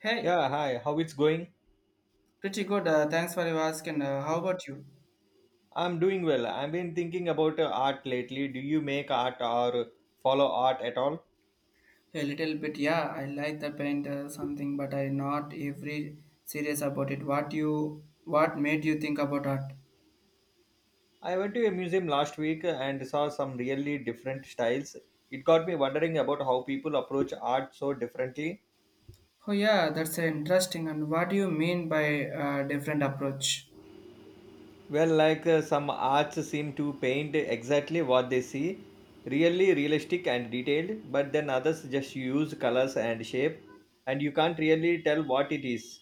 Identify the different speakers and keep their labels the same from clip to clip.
Speaker 1: Hey,
Speaker 2: Yeah, hi. How it's going?
Speaker 1: pretty good. Thanks for your asking. How about you?
Speaker 2: I'm doing well. I've been thinking about art lately. Do you make art or follow art at all?
Speaker 1: A little bit, yeah. I like the paint something, but I not every serious about it. What you, what made you think about art?
Speaker 2: I went to a museum last week and saw some really different styles. It got me wondering about how people approach art so differently.
Speaker 1: Oh yeah, that's interesting. And what do you mean by different approach?
Speaker 2: Well, like some arts seem to paint exactly what they see, really realistic and detailed, but then others just use colors and shape, and you can't really tell what it is.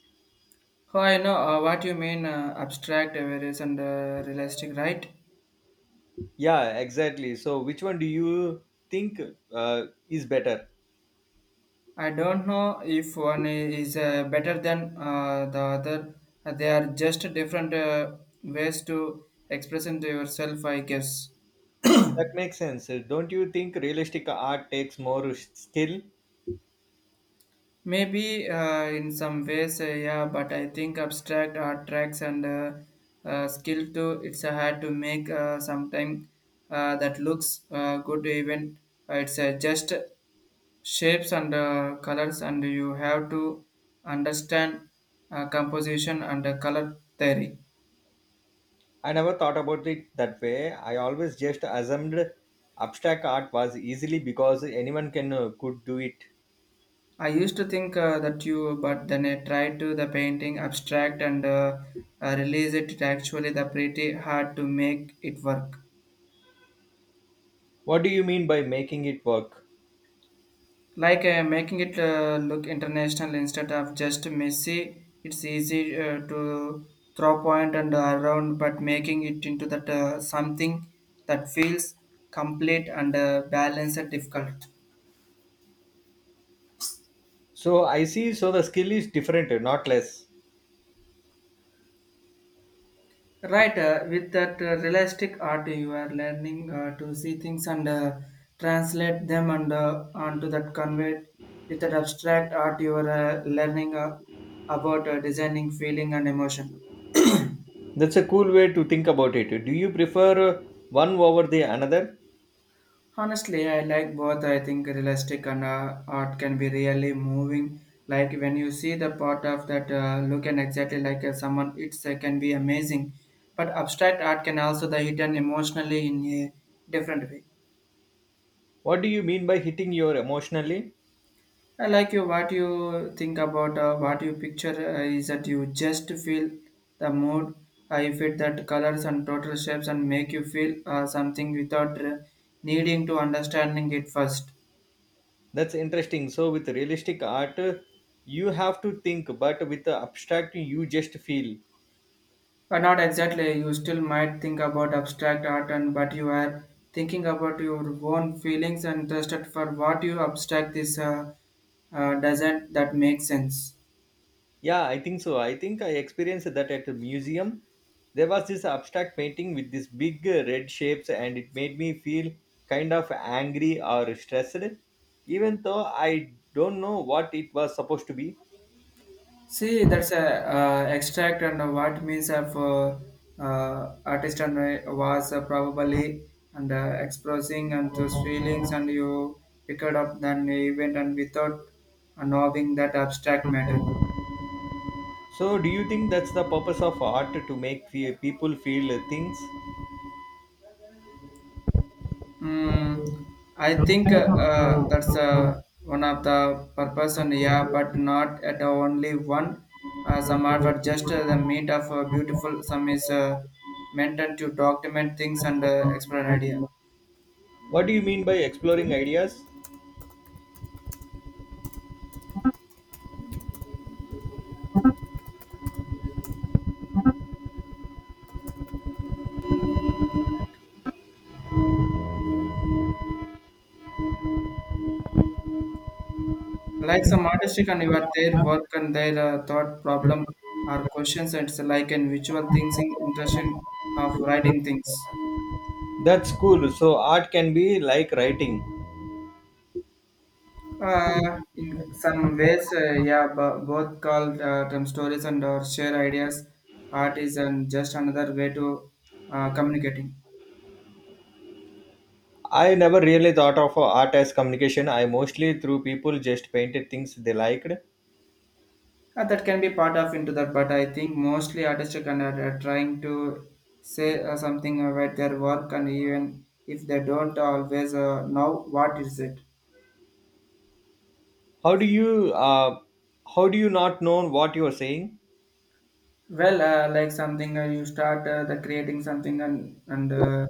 Speaker 1: Oh, I know what you mean. Abstract, various, and realistic, right?
Speaker 2: Yeah, exactly. So, which one do you think is better?
Speaker 1: I don't know if one is better than the other. They are just different ways to express into yourself, I guess.
Speaker 2: That makes sense. Don't you think realistic art takes more skill?
Speaker 1: Maybe in some ways, yeah, but I think abstract art tracks and skill to it's a hard to make sometime that looks good even it's just shapes and colors and you have to understand composition and color theory.
Speaker 2: I never thought about it that way. I always just assumed abstract art was easily because anyone can could do it.
Speaker 1: I used to think that you, but then I tried to the painting abstract and release it. It actually the pretty hard to make it work.
Speaker 2: What do you mean by making it work?
Speaker 1: Like making it look international instead of just messy it's easy to throw point and around but making it into that something that feels complete and balanced and difficult
Speaker 2: So, I see. So, the skill is different, not less.
Speaker 1: right with that realistic art you are learning to see things and translate them and onto that convey with that abstract art you are learning about designing feeling and emotion.
Speaker 2: That's a cool way to think about it. Do you prefer one over the another?
Speaker 1: Honestly, I like both. I think realistic and art can be really moving. Like when you see the part of that look and exactly like someone, it can be amazing. But abstract art can also the hidden emotionally in a different way.
Speaker 2: What do you mean by hitting your emotionally?
Speaker 1: I like you what you think about what you picture is that you just feel the mood. I fit that colors and total shapes and make you feel something without needing to understanding it first.
Speaker 2: That's interesting. So with realistic art, you have to think, but with the abstract, you just feel.
Speaker 1: Not exactly. You still might think about abstract art, and but you are thinking about your own feelings and trusted for what you abstract this doesn't that make sense?
Speaker 2: Yeah, I think so. I think I experienced that at a museum. There was this abstract painting with these big red shapes, and it made me feel kind of angry or stressed, even though I don't know what it was supposed to be.
Speaker 1: See, that's a extract and what means of artist and was probably and expressing and those feelings and you picked up an event and without knowing that abstract matter.
Speaker 2: So, do you think that's the purpose of art to make people feel things?
Speaker 1: Mm, I think that's one of the purpose and yeah, but not at only one. Some are for just the meat of beautiful. Some is meant to document things and explore an idea.
Speaker 2: What do you mean by exploring ideas?
Speaker 1: Like some artistic and your their work and their thought problem or questions. It's like an visual thinking, interesting of writing things.
Speaker 2: That's cool. So, art can be like writing.
Speaker 1: In some ways, yeah, both called term stories and or share ideas, art is and just another way to communicating.
Speaker 2: I never really thought of art as communication. I mostly through people just painted things they liked.
Speaker 1: That can be part of into that, but I think mostly artistic and are trying to say something about their work and even if they don't always know what is it.
Speaker 2: How do you how do you not know what you are saying?
Speaker 1: Well, like something you start the creating something and and uh,